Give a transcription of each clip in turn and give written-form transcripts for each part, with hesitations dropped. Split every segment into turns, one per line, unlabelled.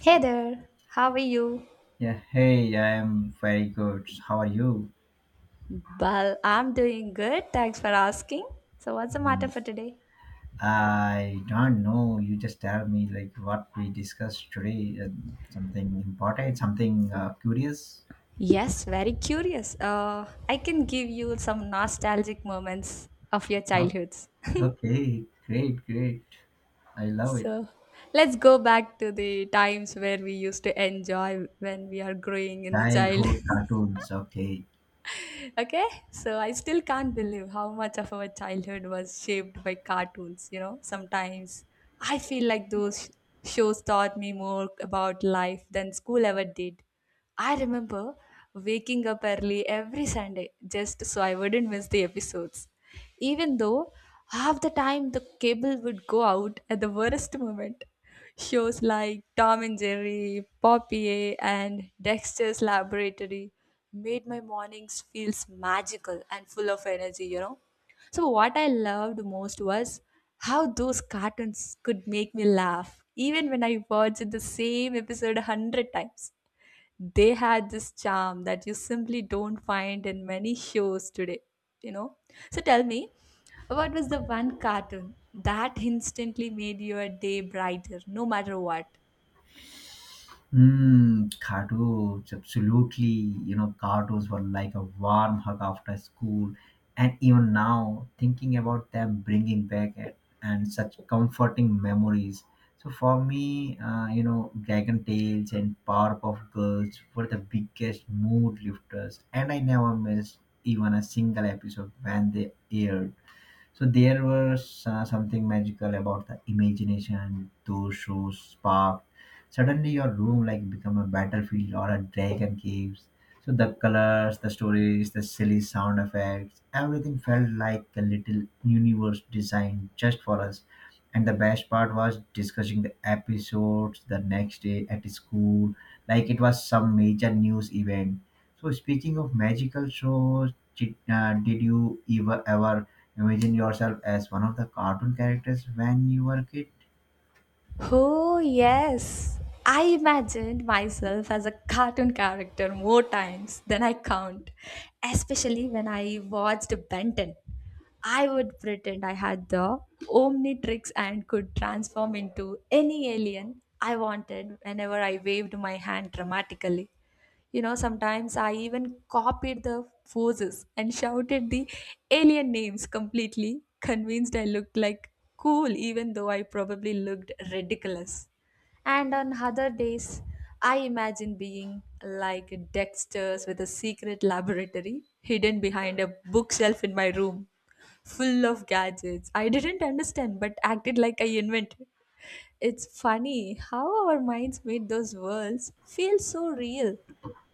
Hey there, how are you?
Yeah, hey, I'm very good. How are you?
Well, I'm doing good. Thanks for asking. So, what's the matter
Mhm.
for today?
I don't know. You just tell me like what we discussed today, and something important, something curious.
Yes, very curious. I can give you some nostalgic moments of your
Oh,
childhoods.
okay, great, great. I love it.
So, let's go back to the times where we used to enjoy when we are growing in the child.
Childhood cartoons. Okay.
Okay, so I still can't believe how much of our childhood was shaped by cartoons. You know, sometimes I feel like those shows taught me more about life than school ever did. I remember waking up early every Sunday just so I wouldn't miss the episodes. Even though half the time the cable would go out at the worst moment. Shows like Tom and Jerry, Poppy, and Dexter's Laboratory made my mornings feels magical and full of energy, So what I loved most was how those cartoons could make me laugh, even when I watched the same episode a hundred times. They had this charm that you simply don't find in many shows today you know. So tell me, what was the one cartoon that instantly made your day brighter no matter what?
Mm, cardos, absolutely. You know, cardos were like a warm hug after school. And even now, thinking about them bringing back and such comforting memories. So for me, you know, Dragon Tales and Powerpuff Girls were the biggest mood lifters. And I never missed even a single episode when they aired. So there was something magical about the imagination those shows sparked. Suddenly your room like become a battlefield or a dragon caves. So the colors, the stories, the silly sound effects, everything felt like a little universe designed just for us. And the best part was discussing the episodes the next day at school, like it was some major news event. So speaking of magical shows, did you ever imagine yourself as one of the cartoon characters when you were a kid?
Oh, yes. I imagined myself as a cartoon character more times than I count, especially when I watched Benton. I would pretend I had the Omnitrix and could transform into any alien I wanted whenever I waved my hand dramatically. You know, sometimes I even copied the poses and shouted the alien names completely, convinced I looked like cool, even though I probably looked ridiculous. And on other days, I imagine being like Dexter's with a secret laboratory hidden behind a bookshelf in my room, full of gadgets I didn't understand but acted like I invented. It's funny how our minds made those worlds feel so real.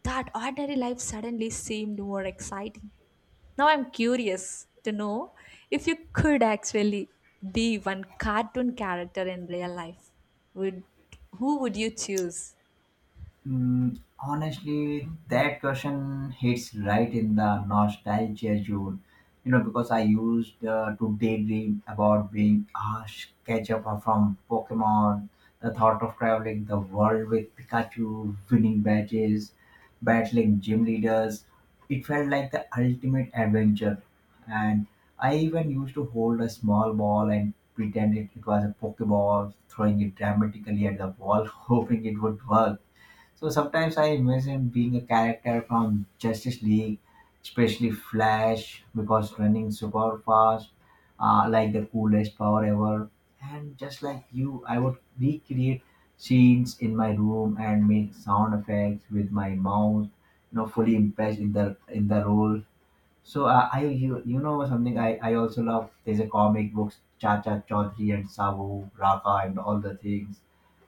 That ordinary life suddenly seemed more exciting. Now I'm curious to know, if you could actually be one cartoon character in real life, would, who would you choose?
Mm, honestly, that question hits right in the nostalgia zone. You know, because I used to daydream about being Ash Ketchum from Pokemon, the thought of traveling the world with Pikachu, winning badges, battling gym leaders. It felt like the ultimate adventure. And I even used to hold a small ball and pretend it was a Pokeball, throwing it dramatically at the wall, hoping it would work. So sometimes I imagine being a character from Justice League, especially Flash, because running super fast, like the coolest power ever. And just like you, I would recreate scenes in my room and make sound effects with my mouth, you know, fully immersed in the role. So you know something I also love there's a comic books Chacha Chaudhary and Sabu Raka and all the things.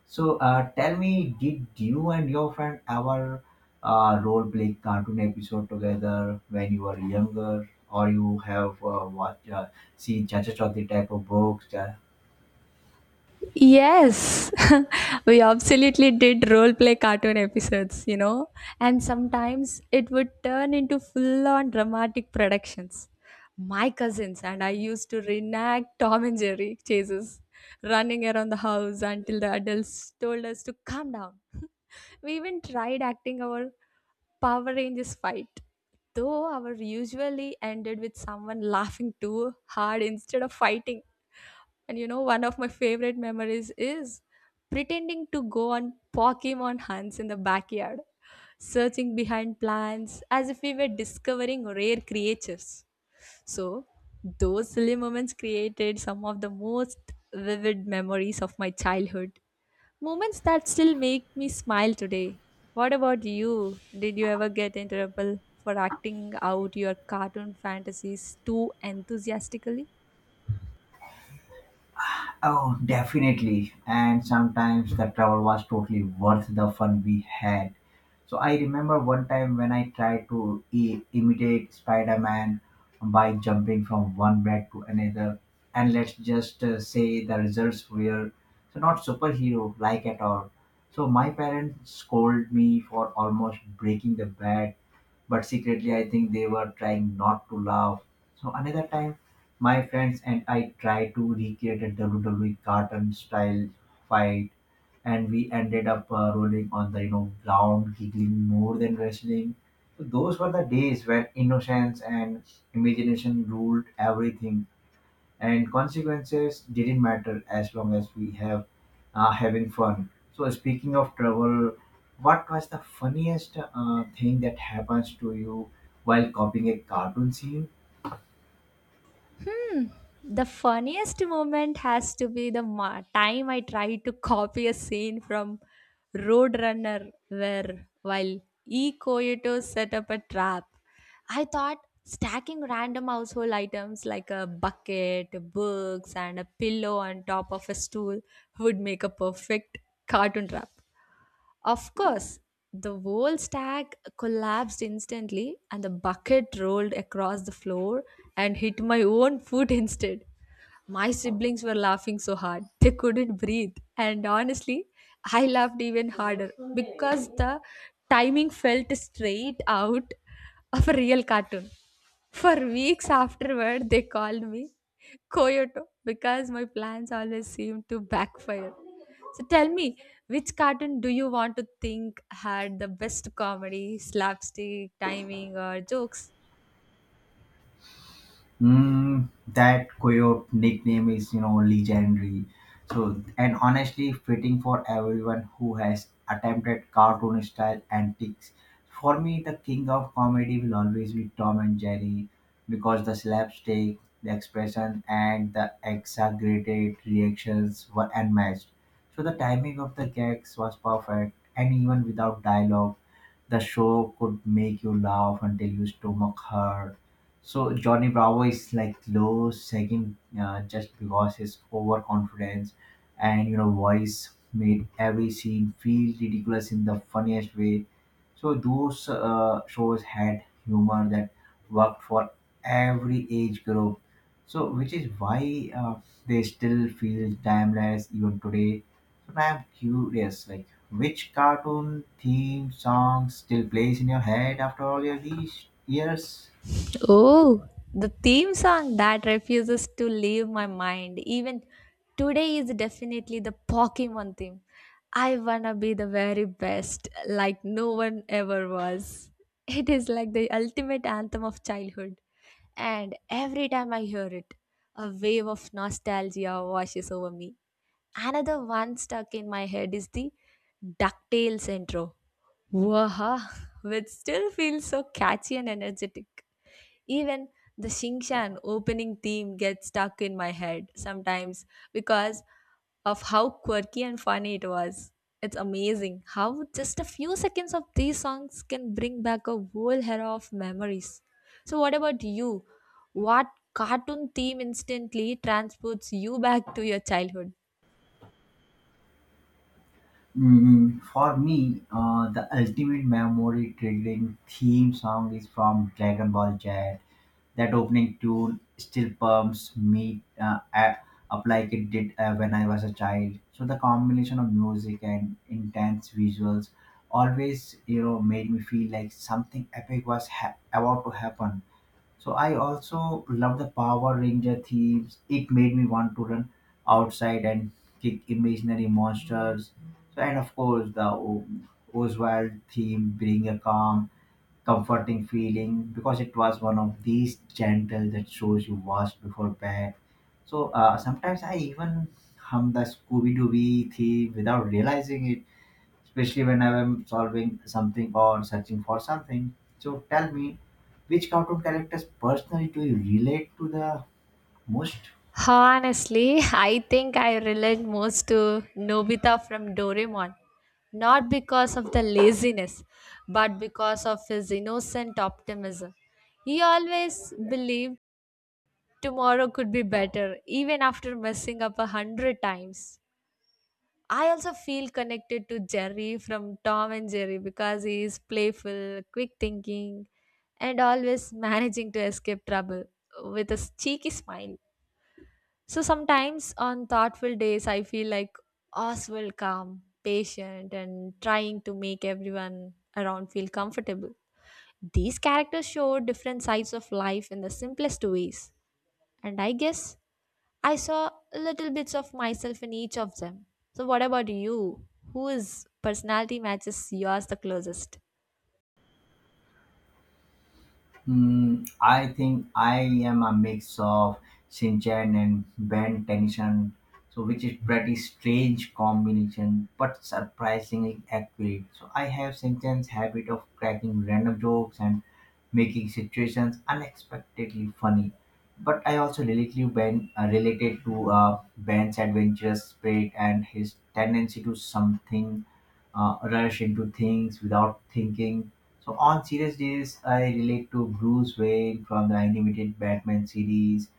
So tell me, did you and your friend ever role play cartoon episode together when you were younger, or you have watched seen Chacha Chaudhary type of books,
Yes, we absolutely did role play cartoon episodes, you know, and sometimes it would turn into full on dramatic productions. My cousins and I used to reenact Tom and Jerry chases, running around the house until the adults told us to calm down. We even tried acting our Power Rangers fight, though our usually ended with someone laughing too hard instead of fighting. And you know, one of my favorite memories is pretending to go on Pokemon hunts in the backyard, searching behind plants as if we were discovering rare creatures. So, those silly moments created some of the most vivid memories of my childhood. Moments that still make me smile today. What about you? Did you ever get into trouble for acting out your cartoon fantasies too enthusiastically?
Oh, definitely. And sometimes the travel was totally worth the fun we had. So I remember one time when I tried to imitate Spider-Man by jumping from one bed to another, and let's just say the results were so not superhero like at all. So my parents scolded me for almost breaking the bed, but secretly I think they were trying not to laugh. So another time, my friends and I tried to recreate a WWE cartoon style fight, and we ended up rolling on the you know ground, giggling more than wrestling. So those were the days when innocence and imagination ruled everything and consequences didn't matter as long as we have having fun. So speaking of travel, what was the funniest thing that happens to you while copying a cartoon scene?
The funniest moment has to be the time I tried to copy a scene from Roadrunner, where while E. Coyote set up a trap, I thought stacking random household items like a bucket, books, and a pillow on top of a stool would make a perfect cartoon trap. Of course, the whole stack collapsed instantly, and the bucket rolled across the floor and hit my own foot instead. My siblings were laughing so hard they couldn't breathe, and honestly, I laughed even harder because the timing felt straight out of a real cartoon. For weeks afterward, they called me Koyoto because my plans always seem to backfire. So tell me, which cartoon do you want to think had the best comedy, slapstick, timing, or jokes?
Mm, that coyote nickname is, you know, legendary. So, and honestly, fitting for everyone who has attempted cartoon style antics. For me, the king of comedy will always be Tom and Jerry because the slapstick, the expression, and the exaggerated reactions were unmatched. So, the timing of the gags was perfect, and even without dialogue, the show could make you laugh until your stomach hurt. So Johnny Bravo is like low second, just because his overconfidence and you know voice made every scene feel ridiculous in the funniest way. So those shows had humor that worked for every age group. So which is why they still feel timeless even today. So I'm curious, like which cartoon theme song still plays in your head after all your these years?
Oh, the theme song that refuses to leave my mind even today is definitely the Pokemon theme. I wanna be the very best, like no one ever was. It is like the ultimate anthem of childhood. And every time I hear it, a wave of nostalgia washes over me. Another one stuck in my head is the DuckTales intro. Waha, which still feels so catchy and energetic. Even the Shingshan opening theme gets stuck in my head sometimes because of how quirky and funny it was. It's amazing how just a few seconds of these songs can bring back a whole era of memories. So, what about you? What cartoon theme instantly transports you back to your childhood?
Mm, for me, the ultimate memory triggering theme song is from Dragon Ball Z. That opening tune still pumps me up like it did when I was a child. So the combination of music and intense visuals always, you know, made me feel like something epic was about to happen. So I also love the Power Ranger themes. It made me want to run outside and kick imaginary monsters. So and of course the Oswald theme bring a calm, comforting feeling because it was one of these gentle that shows you wash before bed. So sometimes I even hum the Scooby Doo theme without realizing it, especially when I'm solving something or searching for something. So tell me, which cartoon characters personally do you relate to the most?
Honestly, I think I relate most to Nobita from Doraemon. Not because of the laziness, but because of his innocent optimism. He always believed tomorrow could be better, even after messing up a hundred times. I also feel connected to Jerry from Tom and Jerry because he is playful, quick thinking, and always managing to escape trouble with a cheeky smile. So sometimes on thoughtful days, I feel like Oswald, calm, patient, and trying to make everyone around feel comfortable. These characters show different sides of life in the simplest ways, and I guess I saw little bits of myself in each of them. So, what about you? Whose personality matches yours the closest?
Mm, I think I am a mix of Shinchan and Ben Tennyson, so which is pretty strange combination, but surprisingly accurate. So I have Shinchan's habit of cracking random jokes and making situations unexpectedly funny. But I also lately been related to Ben's adventurous spirit and his tendency to something rush into things without thinking. So on serious days, I relate to Bruce Wayne from the animated Batman series,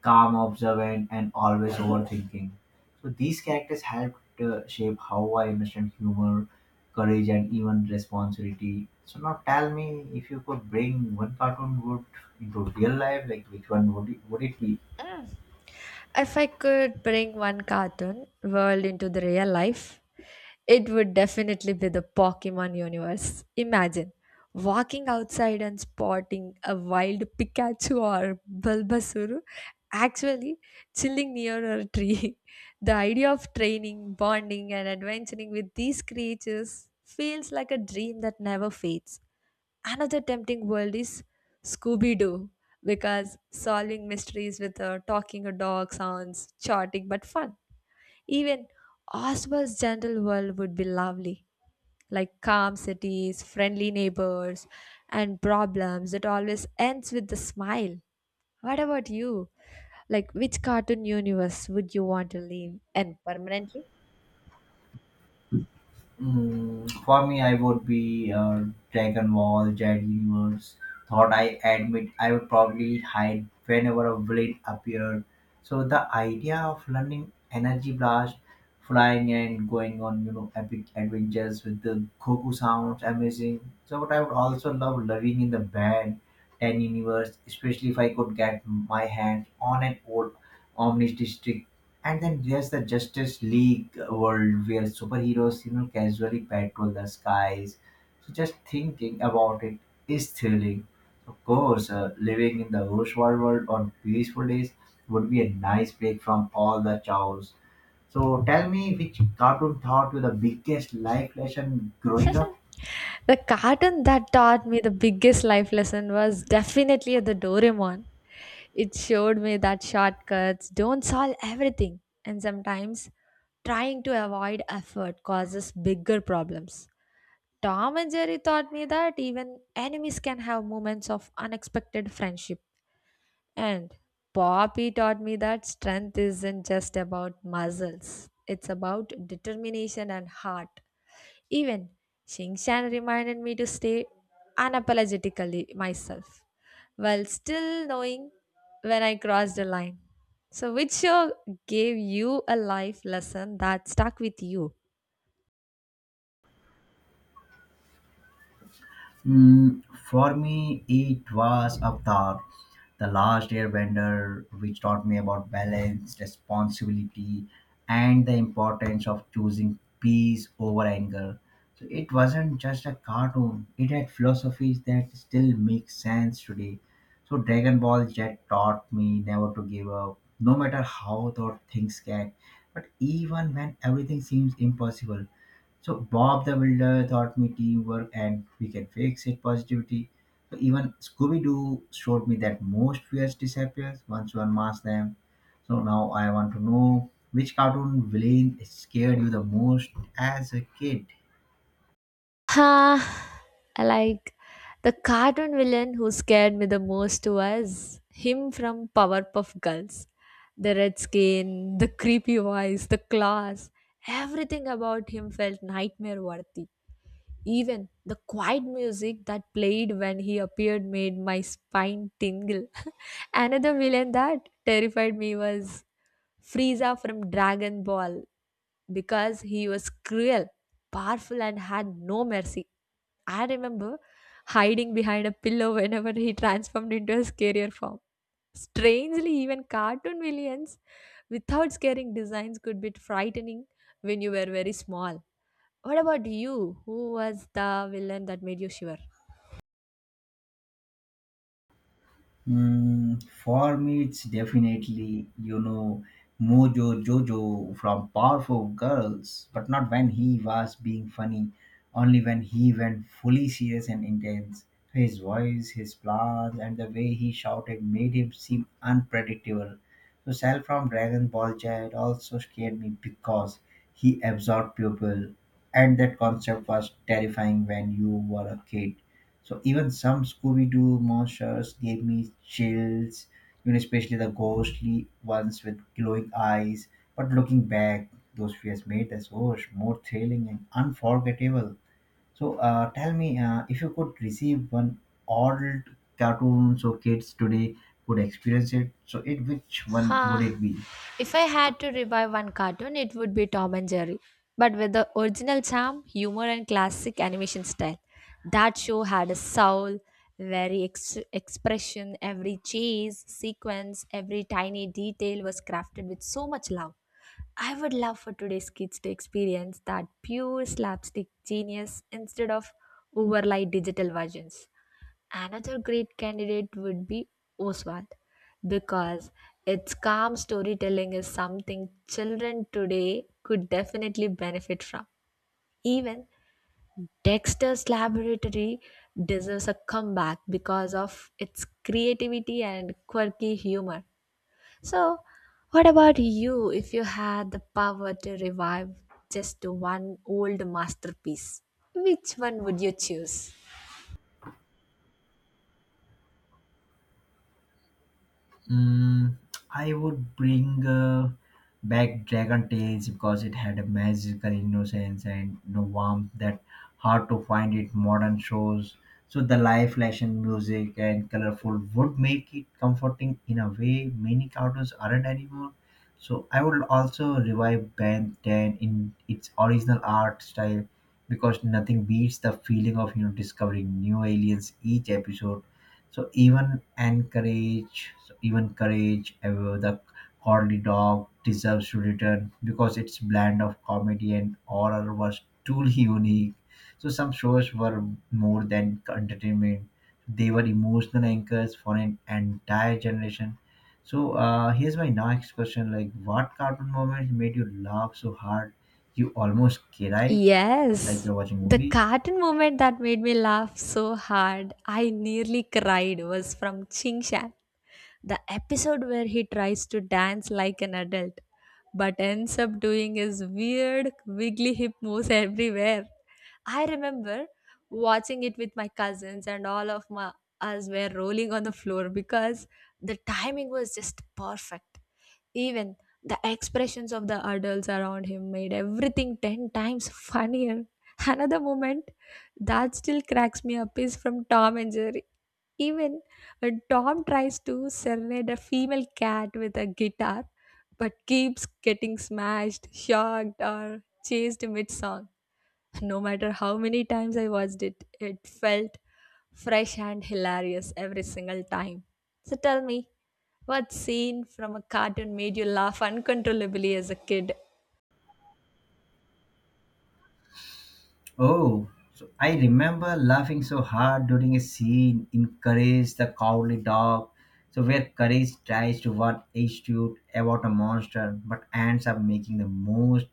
calm, observant, and always overthinking. So these characters helped shape how I understand humor, courage, and even responsibility. So now tell me, if you could bring one cartoon would into real life, like which one would it be?
Mm. If I could bring one cartoon world into the real life, it would definitely be the Pokemon universe. Imagine walking outside and spotting a wild Pikachu or Bulbasaur actually chilling near a tree. The idea of training, bonding, and adventuring with these creatures feels like a dream that never fades. Another tempting world is Scooby Doo because solving mysteries with a talking a dog sounds chaotic but fun. Even Oswald's gentle world would be lovely, like calm cities, friendly neighbors, and problems that always ends with a smile. What about you? Like, which cartoon universe would you want to live in permanently?
Mm, for me, I would be Dragon Ball, Jet Universe. Thought I admit I would probably hide whenever a villain appeared. So the idea of learning energy blast, flying and going on you know epic adventures with the Goku sounds amazing. So but I would also love living in the band Ten Universe, especially if I could get my hands on an old Omnis District. And then there's the Justice League world where superheroes, you know, casually patrol the skies. So just thinking about it is thrilling. Of course, living in the Oswald world on peaceful days would be a nice break from all the chores. So tell me, which cartoon taught you the biggest life lesson growing up?
The cartoon that taught me the biggest life lesson was definitely the Doraemon. It showed me that shortcuts don't solve everything, and sometimes trying to avoid effort causes bigger problems. Tom and Jerry taught me that even enemies can have moments of unexpected friendship. And Poppy taught me that strength isn't just about muscles, it's about determination and heart. Even Shan reminded me to stay unapologetically myself while still knowing when I crossed the line. So, which show gave you a life lesson that stuck with you?
Mm, for me, it was Avatar, the last airbender, which taught me about balance, responsibility, and the importance of choosing peace over anger. So it wasn't just a cartoon, it had philosophies that still make sense today. So Dragon Ball Jet taught me never to give up, no matter how the things get, but even when everything seems impossible. So Bob the Builder taught me teamwork and we can fix it positivity. So even Scooby Doo showed me that most fears disappears once you unmask them. So now I want to know which cartoon villain scared you the most as a kid.
Huh, I like, the cartoon villain who scared me the most was him from Powerpuff Girls. The red skin, the creepy voice, the claws, everything about him felt nightmare worthy. Even the quiet music that played when he appeared made my spine tingle. Another villain that terrified me was Frieza from Dragon Ball because he was cruel, powerful, and had no mercy. I remember hiding behind a pillow whenever he transformed into his scarier form. Strangely, even cartoon villains without scaring designs could be frightening when you were very small. What about you? Who was the villain that made you shiver?
Mm, for me, it's definitely, you know, Mojo Jojo from Powerful Girls, but not when he was being funny, only when he went fully serious and intense. His voice, his plans, and the way he shouted made him seem unpredictable. So, Cell from Dragon Ball Z also scared me because he absorbed people, and that concept was terrifying when you were a kid. So even some Scooby-Doo monsters gave me chills, you know, especially the ghostly ones with glowing eyes. But looking back, those fears made the shows more thrilling and unforgettable. So tell me, if you could receive one old cartoon so kids today could experience it, so it which one would it
Ha!
be?
If I had to revive one cartoon, it would be Tom and Jerry, but with the original charm, humor, and classic animation style. That show had a soul, very expression, every chase, sequence, every tiny detail was crafted with so much love. I would love for today's kids to experience that pure slapstick genius instead of overlay digital versions. Another great candidate would be Oswald because its calm storytelling is something children today could definitely benefit from. Even Dexter's Laboratory deserves a comeback because of its creativity and quirky humor. So, what about you, if you had the power to revive just one old masterpiece? Which one would you choose?
Mm, I would bring back Dragon Tales because it had a magical innocence and you know, warmth that hard to find it modern shows. So the live action music and colorful would make it comforting in a way many cartoons aren't anymore. So I would also revive Ben 10 in its original art style because nothing beats the feeling of you know discovering new aliens each episode. So even encourage courage the corny dog deserves to return because its blend of comedy and horror was truly unique. So some shows were more than entertainment, they were emotional anchors for an entire generation. So here's my next question, like what cartoon moments made you laugh so hard you almost cried,
Yes,
like you're watching a
the
movie?
cartoon moment that made me laugh so hard I nearly cried was from Ching Shan. The episode where he tries to dance like an adult but ends up doing his weird wiggly hip moves everywhere. I remember watching it with my cousins and all of my us were rolling on the floor because the timing was just perfect. Even the expressions of the adults around him made everything 10 times funnier. Another moment that still cracks me up is from Tom and Jerry. Even when Tom tries to serenade a female cat with a guitar but keeps getting smashed, shocked, or chased mid song. No matter how many times I watched it, it felt fresh and hilarious every single time. So tell me, what scene from a cartoon made you laugh uncontrollably as a kid?
Oh, so I remember laughing so hard during a scene in Courage the Cowardly Dog. So, where Courage tries to warn H2 about a monster but ends up making the most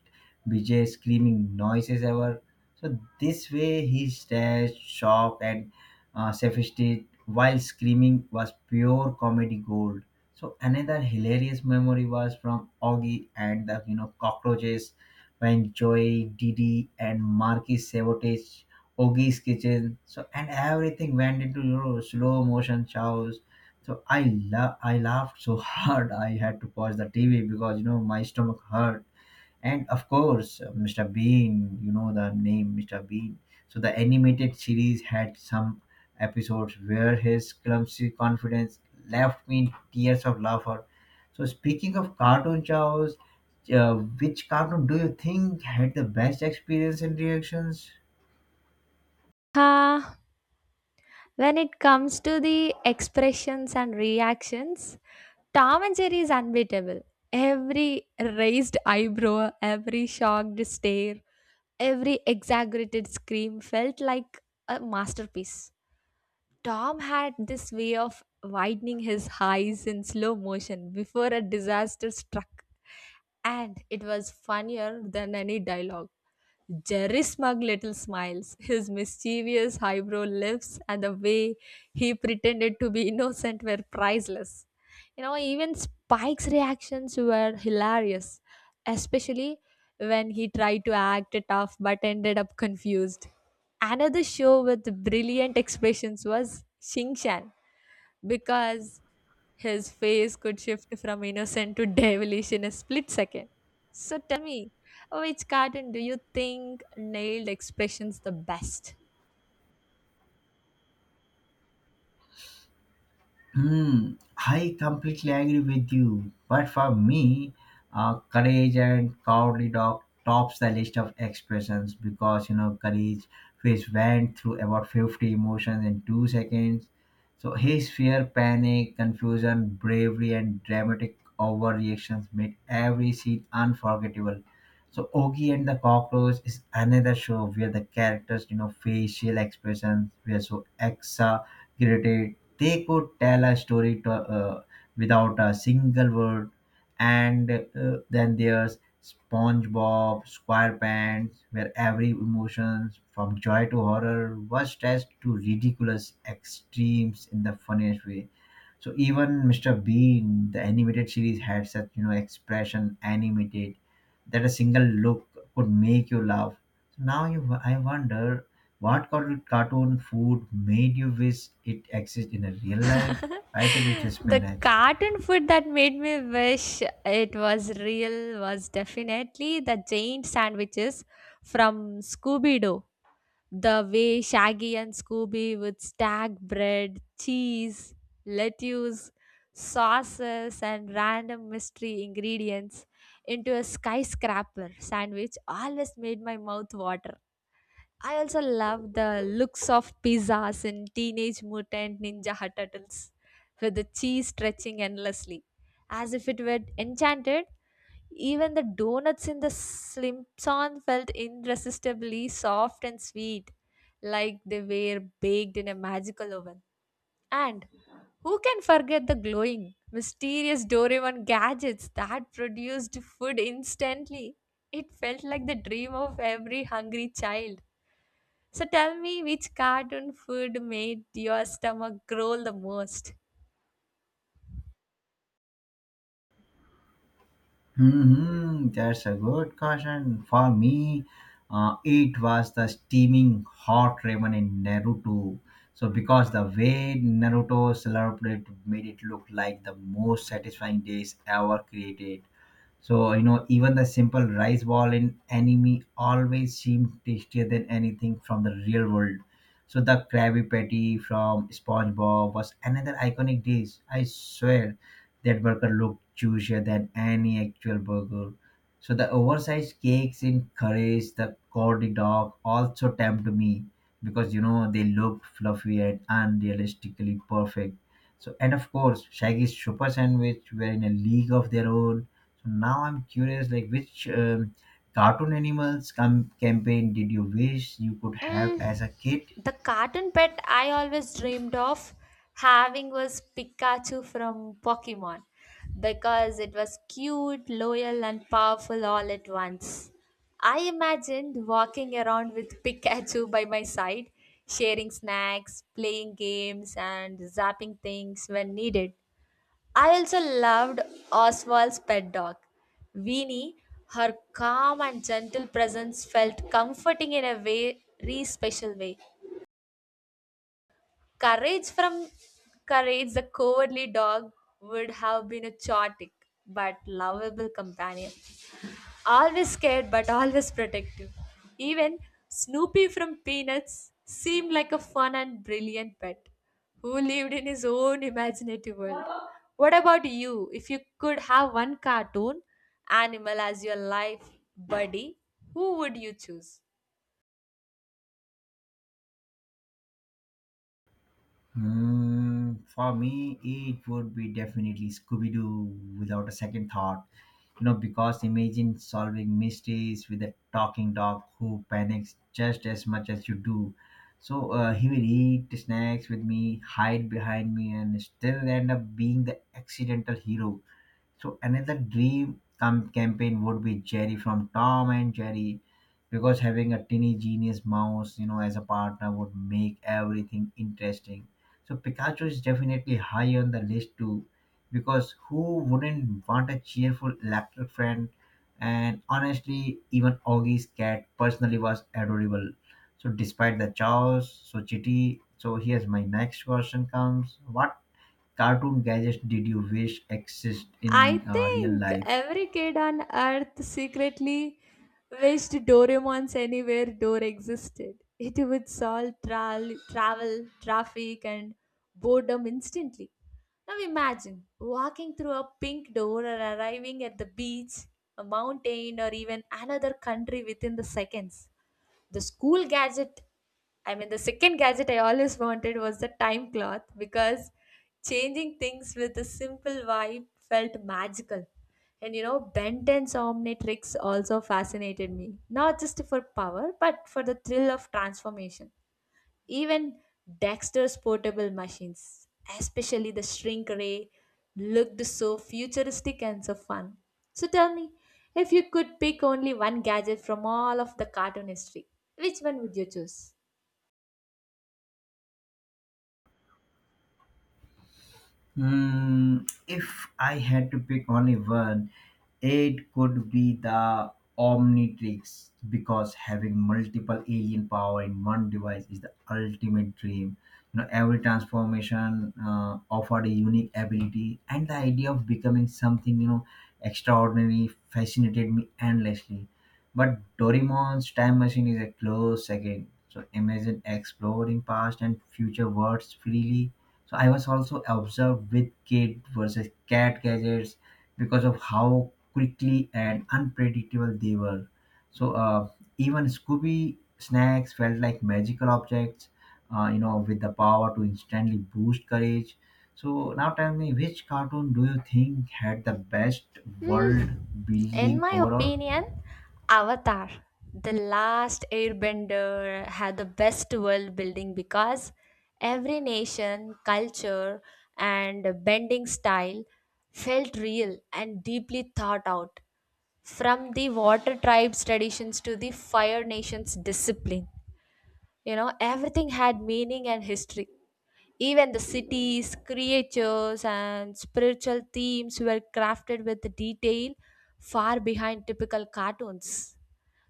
bizarre screaming noises ever. So, this way he stares shocked and sophisticated while screaming was pure comedy gold. So, another hilarious memory was from Augie and the you know cockroaches when Joy, Didi, and Marquis Sabotage, Ogie's Kitchen. So and everything went into you know slow motion chows. So I laughed so hard I had to pause the TV because you know my stomach hurt. And of course mr bean you know the name mr bean. So the animated series had some episodes where his clumsy confidence left me in tears of laughter. So speaking of cartoon chows, uh, which cartoon do you think had the best experience and reactions?
Ah, when it comes to the expressions and reactions, Tom and Jerry is unbeatable. Every raised eyebrow, every shocked stare, every exaggerated scream felt like a masterpiece. Tom had this way of widening his eyes in slow motion before a disaster struck, and it was funnier than any dialogue. Jerry's smug little smiles, his mischievous highbrow lifts, and the way he pretended to be innocent were priceless. You know, even Spike's reactions were hilarious, especially when he tried to act tough but ended up confused. Another show with brilliant expressions was Shin Chan because his face could shift from innocent to devilish in a split second. So tell me, which cartoon do you think nailed expressions the best?
Hmm, I completely agree with you. But for me, courage and cowardly dog tops the list of expressions because courage which went through about 50 emotions in 2 seconds. So his fear, panic, confusion, bravery, and dramatic overreactions made every scene unforgettable. So Ogie and the Cockroach is another show where the characters, facial expressions were so exaggerated they could tell a story to, without a single word. And then there's SpongeBob SquarePants, where every emotions from joy to horror was stretched to ridiculous extremes in the funniest way. So even Mr. Bean, the animated series, had such expression animated that a single look could make you laugh. So now I wonder what cartoon food made you wish it existed in a real life. I think it's just
The
spinach.
cartoon food that made me wish it was real was definitely the giant sandwiches from Scooby Doo. The way Shaggy and Scooby would stack bread, cheese, lettuce, sauces, and random mystery ingredients into a skyscraper sandwich always made my mouth water. I also love the looks of pizzas in Teenage Mutant Ninja Turtles with the cheese stretching endlessly as if it were enchanted. Even the donuts in the Slimpson felt irresistibly soft and sweet, like they were baked in a magical oven. And who can forget the glowing, mysterious Doraemon gadgets that produced food instantly? It felt like the dream of every hungry child. So tell me, which cartoon food made your stomach growl the most?
Hmm, that's a good question. For me, it was the steaming hot ramen in Naruto. So because the way Naruto celebrated made it look like the most satisfying days ever created. So, you know, even the simple rice ball in anime always seemed tastier than anything from the real world. So the Krabby Patty from SpongeBob was another iconic dish. I swear that burger looked juicier than any actual burger. So the oversized cakes in Curry's, the cordy dog also tempt me because you know they look fluffy and unrealistically perfect. So and of course Shaggy's super sandwich were in a league of their own. So now I'm curious, like which cartoon animals campaign did you wish you could have as
Mm,
a kid?
the cartoon pet I always dreamed of having was Pikachu from Pokemon because it was cute, loyal, and powerful all at once. I imagined walking around with Pikachu by my side, sharing snacks, playing games, and zapping things when needed. I also loved Oswald's pet dog, Weenie. Her calm and gentle presence felt comforting in a way, very special way. Courage from Courage, the cowardly dog, would have been a chaotic but lovable companion. Always scared but always protective. Even Snoopy from Peanuts seemed like a fun and brilliant pet who lived in his own imaginative world. What about you? If you could have one cartoon animal as your life buddy, who would you choose?
Hmm, for me, it would be definitely Scooby Doo without a second thought. You know, because imagine solving mysteries with a talking dog who panics just as much as you do. So he will eat snacks with me, hide behind me, and still end up being the accidental hero. So another dream campaign would be Jerry from Tom and Jerry, because having a tiny genius mouse, you know, as a partner would make everything interesting. So Pikachu is definitely high on the list too, because who wouldn't want a cheerful electric friend? And honestly, even Augie's cat personally was adorable. So despite the chaos, so chitty. So here's my next question comes: what cartoon gadgets did you wish existed
I
in real
think
life?
every kid on Earth secretly wished Doraemon's Anywhere Door existed. It would solve travel, traffic, and boredom instantly. Now imagine walking through a pink door or arriving at the beach, a mountain, or even another country within the seconds. The school gadget I mean the second gadget I always wanted was the time cloth because changing things with a simple vibe felt magical. And you know, Benton's Omnitrix also fascinated me, not just for power but for the thrill of transformation. Even Dexter's portable machines, especially the shrink ray, looked so futuristic and so fun. So tell me, if you could pick only one gadget from all of the cartoon history, which one would you choose?
Hmm, if I had to pick only one, it could be the Omnitrix because having multiple alien power in one device is the ultimate dream. You know, every transformation offered a unique ability, and the idea of becoming something extraordinary fascinated me endlessly. But Doraemon's time machine is a close second. So imagine exploring past and future worlds freely. So I was also observed with kid versus cat gadgets because of how quickly and unpredictable they were. So even Scooby snacks felt like magical objects, you know, with the power to instantly boost courage. So now tell me, which cartoon do you think had the best world
Hmm. In
building
my
overall?
opinion, Avatar, The Last Airbender, had the best world building because every nation, culture, and bending style felt real and deeply thought out, from the water tribes' traditions to the fire nation's discipline. You know, everything had meaning and history. Even the cities, creatures, and spiritual themes were crafted with detail far behind typical cartoons.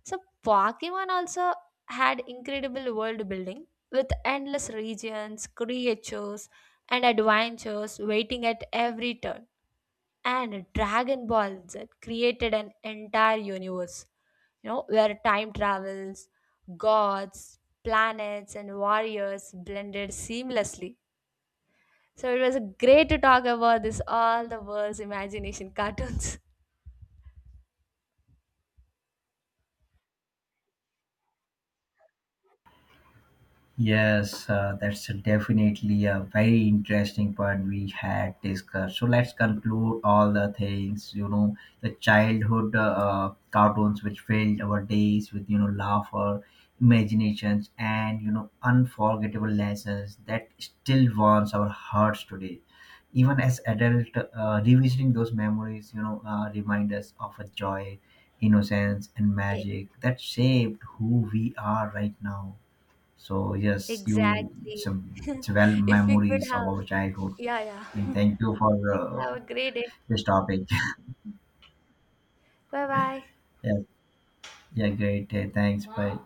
So, Pokemon also had incredible world building with endless regions, creatures, and adventures waiting at every turn, and Dragon Ball Z created an entire universe, you know, where time travels, gods, planets, and warriors blended seamlessly. So it was great to talk about this all the world's imagination cartoons.
Yes, that's definitely a very interesting point we had discussed. So let's conclude all the things, you know, the childhood cartoons which filled our days with, you know, laughter, imaginations, and, you know, unforgettable lessons that still warms our hearts today. Even as adult, revisiting those memories, remind us of a joy, innocence, and
E-
magic that shaped who we are right now. So yes, you it's,
Exactly.
a, it's well
If we could
memories of
have,
our childhood.
yeah,
And
yeah.
thank you for
Have a great day.
this topic.
Bye bye.
Yeah, yeah, great. Thanks. Bye.